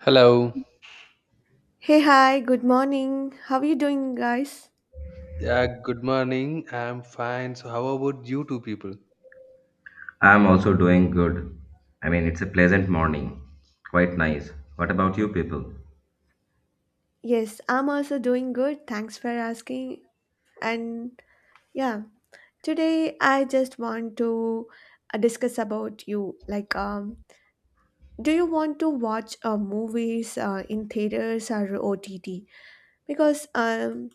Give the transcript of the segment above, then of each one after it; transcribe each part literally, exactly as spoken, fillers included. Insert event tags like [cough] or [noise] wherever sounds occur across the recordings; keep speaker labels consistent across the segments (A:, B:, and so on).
A: Hello.
B: Hey, hi, good morning. How are you doing, guys?
A: Yeah, good morning. I'm fine. So, how about you two people?
C: I'm also doing good. I mean, it's a pleasant morning. Quite nice. What about you people?
B: Yes, I'm also doing good. Thanks for asking. And yeah, today I just want to uh, discuss about you. Like, um, do you want to watch uh, movies uh, in theaters or O T T? Because um,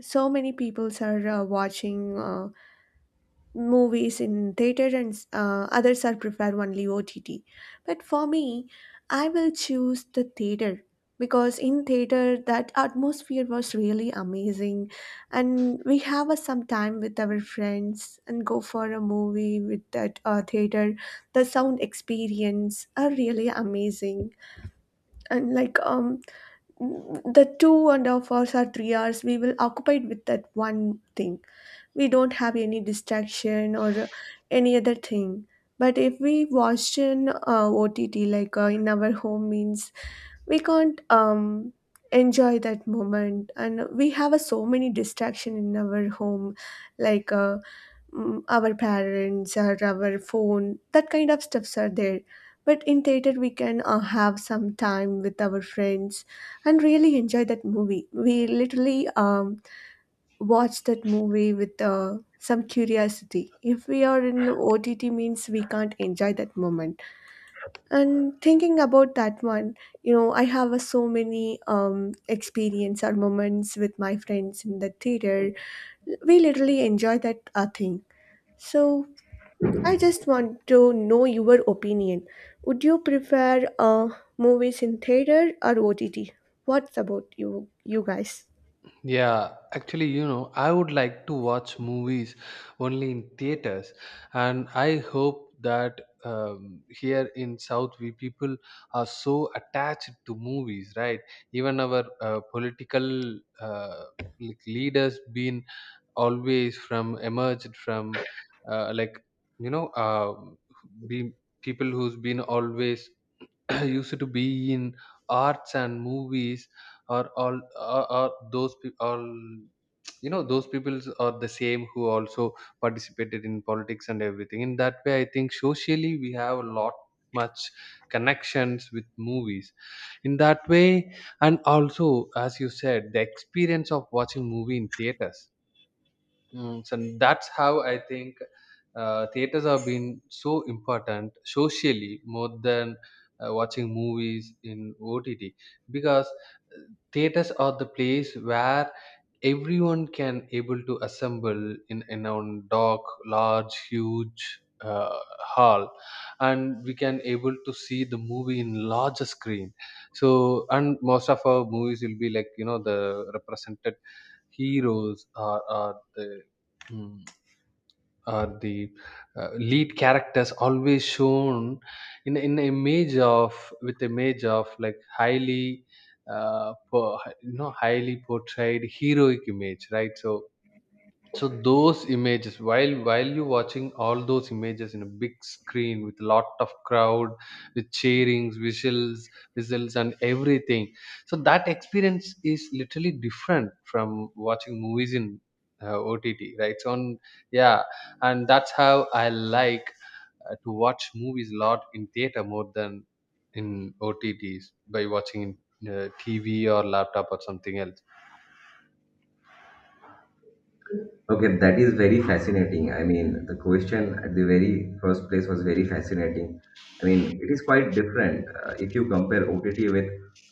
B: so many people are uh, watching. Uh, movies in theater and uh, others are prefer only O T T. But for me, I will choose the theater because in theater that atmosphere was really amazing, and we have a some time with our friends and go for a movie with that uh, theater, the sound experience are really amazing. And like um the two and a half hours or three hours we will occupied with that one thing. We don't have any distraction or uh, any other thing. But if we watched in uh, OTT, like uh, in our home means, we can't um, enjoy that moment, and we have uh, so many distraction in our home, like uh, mm, our parents or our phone, that kind of stuffs are there. But in theater we can uh, have some time with our friends and really enjoy that movie. We literally um, watch that movie with uh, some curiosity. If we are in O T T means we can't enjoy that moment. And thinking about that one, you know, I have uh, so many um, experience or moments with my friends in the theater. We literally enjoy that uh, thing. So I just want to know your opinion. Would you prefer uh, movies in theater or O T T? What's about you, you guys?
A: Yeah, actually, you know, I would like to watch movies only in theaters, and I hope that um, here in South we people are so attached to movies, right? Even our uh, political uh, like leaders been always from emerged from uh, like you know uh, be people who's been always [clears throat] used to be in arts and movies or all or, or those people all you know those people are the same who also participated in politics and everything. In that way I think socially we have a lot much connections with movies, in that way. And also, as you said, the experience of watching movie in theaters. Mm, so that's how I think uh, theaters have been so important socially more than uh, watching movies in O T T, because uh, theaters are the place where everyone can able to assemble in in a dark, large, huge uh, hall, and we can able to see the movie in larger screen. So, and most of our movies will be like, you know, the represented heroes, or, or the mm, or the uh, lead characters always shown in in a image of, with image of, like highly uh, po- you know, highly portrayed heroic image, right? So, so those images, while while you watching all those images in a big screen with a lot of crowd with cheerings, whistles whistles and everything. So that experience is literally different from watching movies in uh, OTT, right? So on, yeah, and that's how I like uh, to watch movies a lot in theater more than in OTTs, by watching in uh, TV or laptop or something else.
C: Okay, that is very fascinating. I mean, the question at the very first place was very fascinating. I mean, it is quite different uh, if you compare O T T with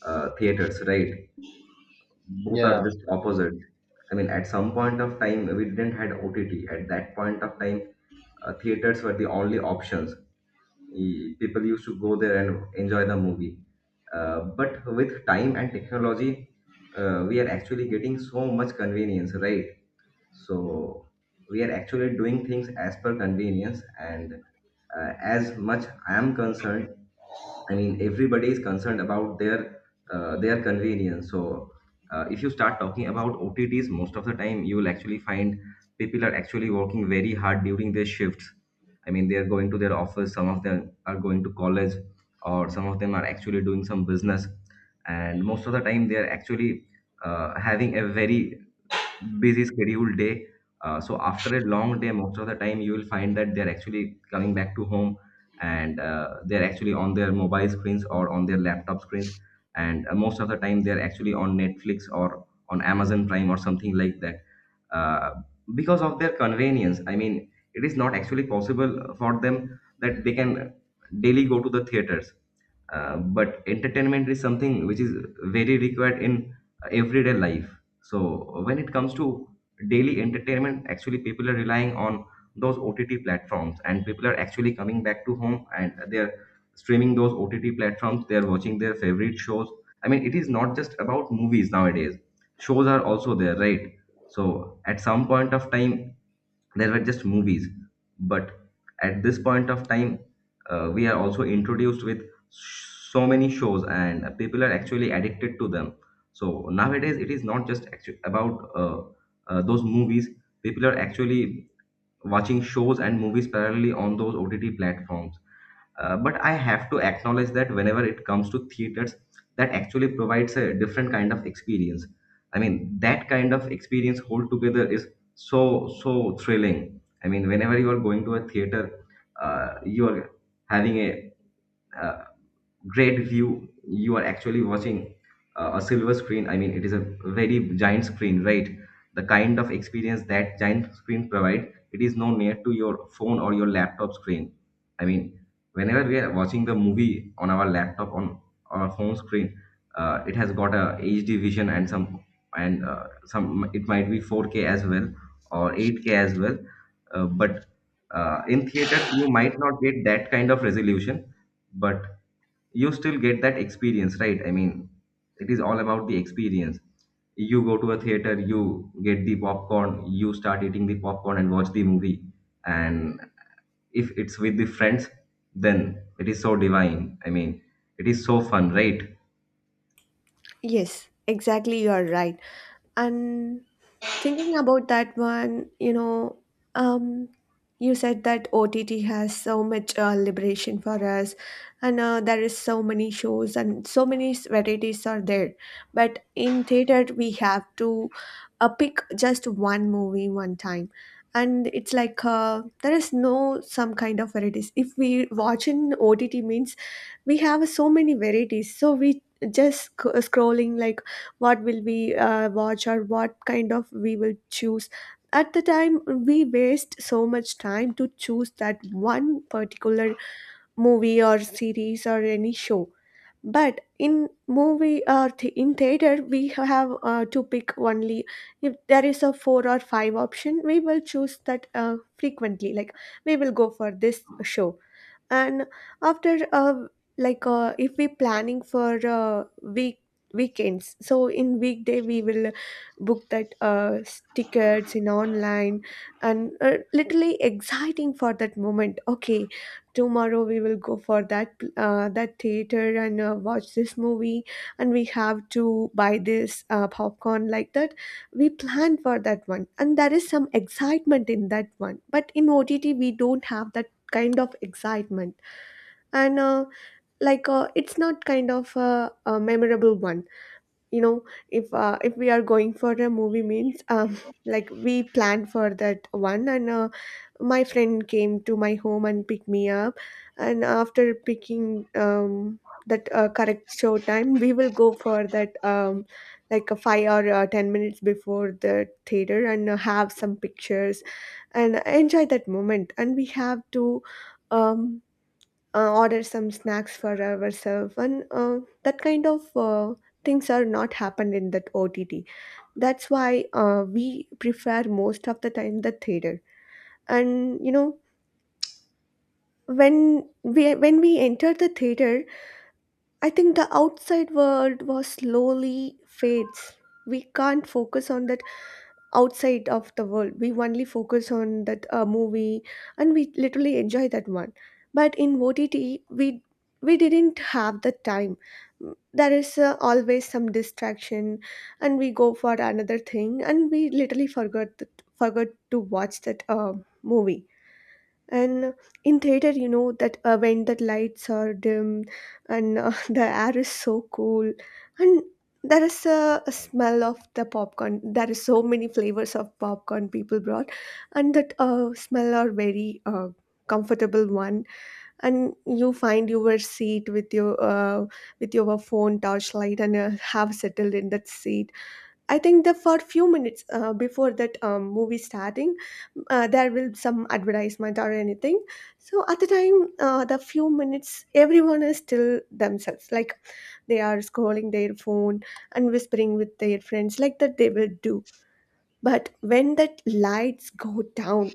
C: uh, theaters, right? Both are
A: Yeah.
C: just opposite. I mean, at some point of time, we didn't had O T T. At that point of time, uh, theaters were the only options. Y- people used to go there and enjoy the movie. Uh, but with time and technology, uh, we are actually getting so much convenience, right? So we are actually doing things as per convenience. And uh, as much I am concerned, I mean, everybody is concerned about their uh, their convenience. So, uh, if you start talking about O T Ts, most of the time you will actually find people are actually working very hard during their shifts. I mean, they are going to their office. Some of them are going to college, or some of them are actually doing some business. And most of the time, they are actually uh, having a very busy scheduled day. Uh, so after a long day, most of the time you will find that they're actually coming back to home and uh, they're actually on their mobile screens or on their laptop screens. And uh, most of the time they're actually on Netflix or on Amazon Prime or something like that. Uh, because of their convenience, I mean, it is not actually possible for them that they can daily go to the theaters, uh, but entertainment is something which is very required in everyday life. So when it comes to daily entertainment, actually people are relying on those OTT platforms, and people are actually coming back to home and they're streaming those OTT platforms, they're watching their favorite shows. I mean, it is not just about movies nowadays, shows are also there, right? So at some point of time, there were just movies, but at this point of time, uh, we are also introduced with so many shows, and uh, people are actually addicted to them. So nowadays it is not just actu- about uh, uh, those movies, people are actually watching shows and movies parallelly on those OTT platforms. Uh, but I have to acknowledge that whenever it comes to theaters, that actually provides a different kind of experience. I mean, that kind of experience altogether is so so thrilling. I mean, whenever you are going to a theater, uh, you are having a uh, great view. You are actually watching uh, a silver screen. I mean, it is a very giant screen, right? The kind of experience that giant screen provide, it is no near to your phone or your laptop screen. I mean, whenever we are watching the movie on our laptop, on our phone screen, uh, it has got a HD vision and some, and uh, some it might be four k as well, or eight k as well. Uh, but uh, in theaters you might not get that kind of resolution, but you still get that experience, right? I mean, it is all about the experience. You go to a theater, you get the popcorn, you start eating the popcorn and watch the movie. And if it's with the friends, then it is so divine. I mean, it is so fun, right?
B: Yes, exactly. You are right. And thinking about that one, you know, um, you said that O T T has so much uh, liberation for us, and uh, there is so many shows and so many s- varieties are there. But in theater, we have to uh, pick just one movie one time, and it's like uh, there is no some kind of varieties. If we watch in O T T means we have so many varieties, so we just sc- scrolling like what will we uh, watch or what kind of we will choose. At the time we waste so much time to choose that one particular movie or series or any show. But in movie or th- in theater we have uh, to pick only if there is a four or five option, we will choose that uh, frequently, like we will go for this show. And after uh, like uh, if we planning for uh, week weekends, so in weekday we will book that uh, s- tickets in online, and uh, literally exciting for that moment. Okay, tomorrow we will go for that pl- uh, that theater and uh, watch this movie, and we have to buy this uh, popcorn. Like that we plan for that one, and there is some excitement in that one. But in OTT we don't have that kind of excitement. And uh, like uh, it's not kind of a, a memorable one, you know. If uh, if we are going for a movie means um [laughs] like we planned for that one, and uh, my friend came to my home and picked me up. And after picking um that uh, correct show time, we will go for that um like a five or uh, ten minutes before the theater, and uh, have some pictures and enjoy that moment. And we have to um uh, order some snacks for ourselves, and uh, that kind of uh, things are not happened in that OTT. That's why uh, we prefer most of the time the theater. And you know, when we when we enter the theater, I think the outside world was slowly fades. We can't focus on that outside of the world. We only focus on that uh, movie, and we literally enjoy that one. But in O T T, we we didn't have the time. There is uh, always some distraction, and we go for another thing, and we literally forgot that, forgot to watch that uh, movie. And in theater, you know that uh, when the lights are dim and uh, [laughs] the air is so cool, and there is a, a smell of the popcorn. There is so many flavors of popcorn people brought, and that uh, smell are very uh, comfortable one. And you find your seat with your uh, with your phone torchlight, and uh, have settled in that seat. I think the for few minutes uh, before that um, movie starting, uh, there will some advertisement or anything. So at the time, uh, the few minutes, everyone is still themselves. Like they are scrolling their phone and whispering with their friends, like that they will do. But when that lights go down,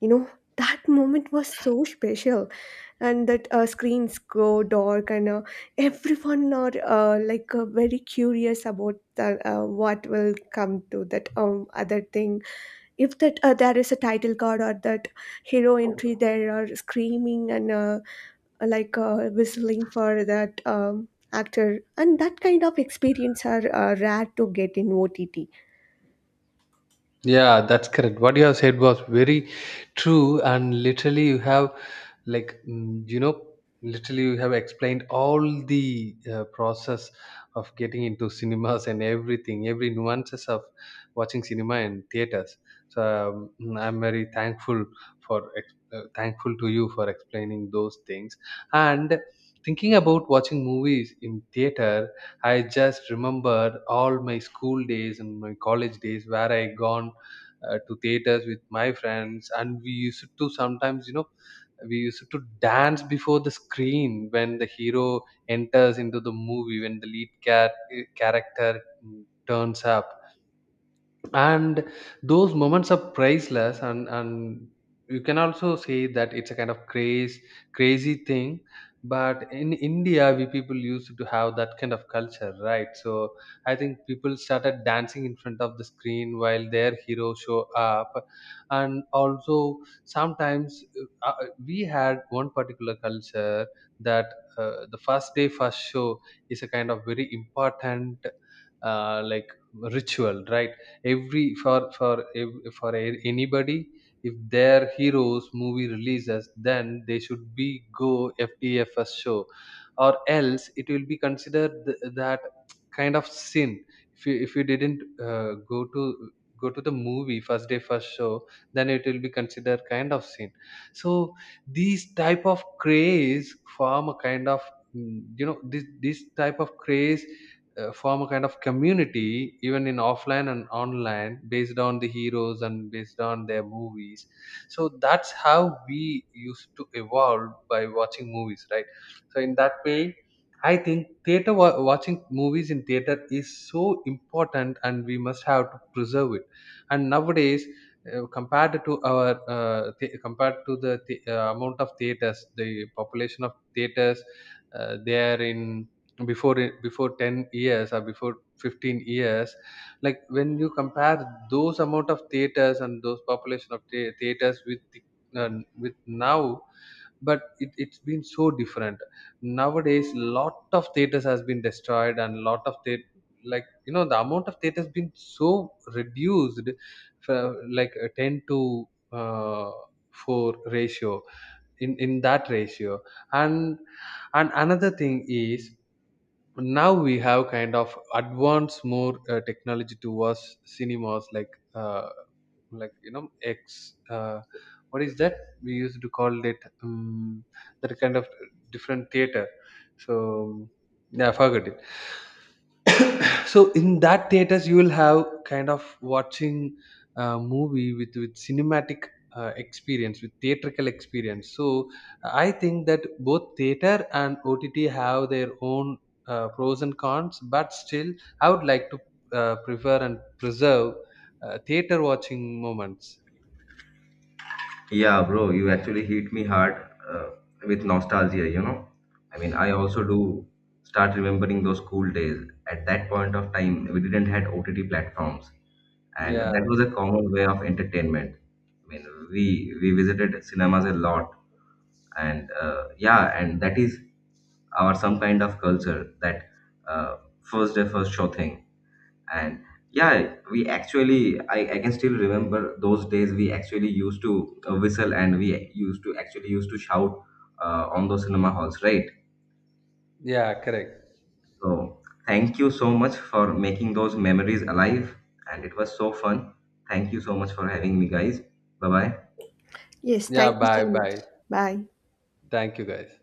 B: you know, that moment was so special, and that uh, screens go dark, and uh, everyone are uh, like uh, very curious about the, uh, what will come to that um, other thing. If that uh, there is a title card or that hero entry, there are screaming and uh, like uh, whistling for that um, actor, and that kind of experience are uh, rare to get in OTT.
A: Yeah, that's correct. What you have said was very true, and literally, you have like, mm, you know, literally, you have explained all the uh, process of getting into [laughs] cinemas and everything, every nuances of watching cinema and theaters. So um, mm, I'm very thankful for ex- uh, thankful to you for explaining those things and. Thinking about watching movies in theater, I just remembered all my school days and my college days where I gone uh, to theaters with my friends, and we used to sometimes, you know, we used to dance before the screen when the hero enters into the movie, when the lead cat, character, mm, turns up. And those moments are priceless, and and you can also say that it's a kind of craze crazy thing, but in India we people used to have that kind of culture, right? So I think people started dancing in front of the screen while their hero show up. And also sometimes, uh, uh, we had one particular culture that uh, the first day first show is a kind of very important uh, like ritual, right? Every for for ev- for a- anybody, if their heroes movie releases, then they should be go FTFS show, or else it will be considered th- that kind of sin. If you if you didn't uh, go to go to the movie first day first show, then it will be considered kind of sin. So these type of craze form a kind of mm, you know, this this type of craze uh, form a kind of community even in offline and online, based on the heroes and based on their movies. So that's how we used to evolve by watching movies, right? So in that way, I think theater wa- watching movies in theater is so important, and we must have to preserve it. And nowadays, uh, compared to our uh, th- compared to the th- uh, amount of theaters, the population of theaters uh, they are in before it- before ten years or before fifteen years, like when you compare those amount of theaters and those population of thea- theaters with the, uh, with now, but it, it's been so different. Nowadays lot of theaters has been destroyed, and lot of the, like you know, the amount of theaters been so reduced, for like a ten to uh, four ratio, in in that ratio. and and another thing is, now we have kind of advanced more uh, technology towards cinemas, like uh, like you know X uh, what is that we used to call it, um, that kind of different theater. So yeah, I forgot it. So in that theaters you will have kind of watching a movie with with cinematic uh, experience, with theatrical experience. So I think that both theater and OTT have their own uh, pros and cons, but still I would like to uh, prefer and preserve uh, theater watching moments.
C: Yeah, bro, you actually hit me hard uh, with nostalgia, you know. I mean, I also do start remembering those school days. At that point of time, we didn't had O T T platforms, and
A: Yeah.
C: that was a common way of entertainment. I mean, we we visited cinemas a lot, and uh, yeah, and that is our some kind of culture that uh, first day first show thing. And yeah, we actually, I, I can still remember those days. We actually used to uh, whistle, and we used to actually used to shout uh, on those cinema halls, right?
A: Yeah, correct.
C: So thank you so much for making those memories alive, and it was so fun. Thank you so much for having me, guys. Bye bye.
B: Yes,
A: Yeah,
B: thank you so
A: bye
B: much.
A: bye.
B: Bye.
A: Thank you guys.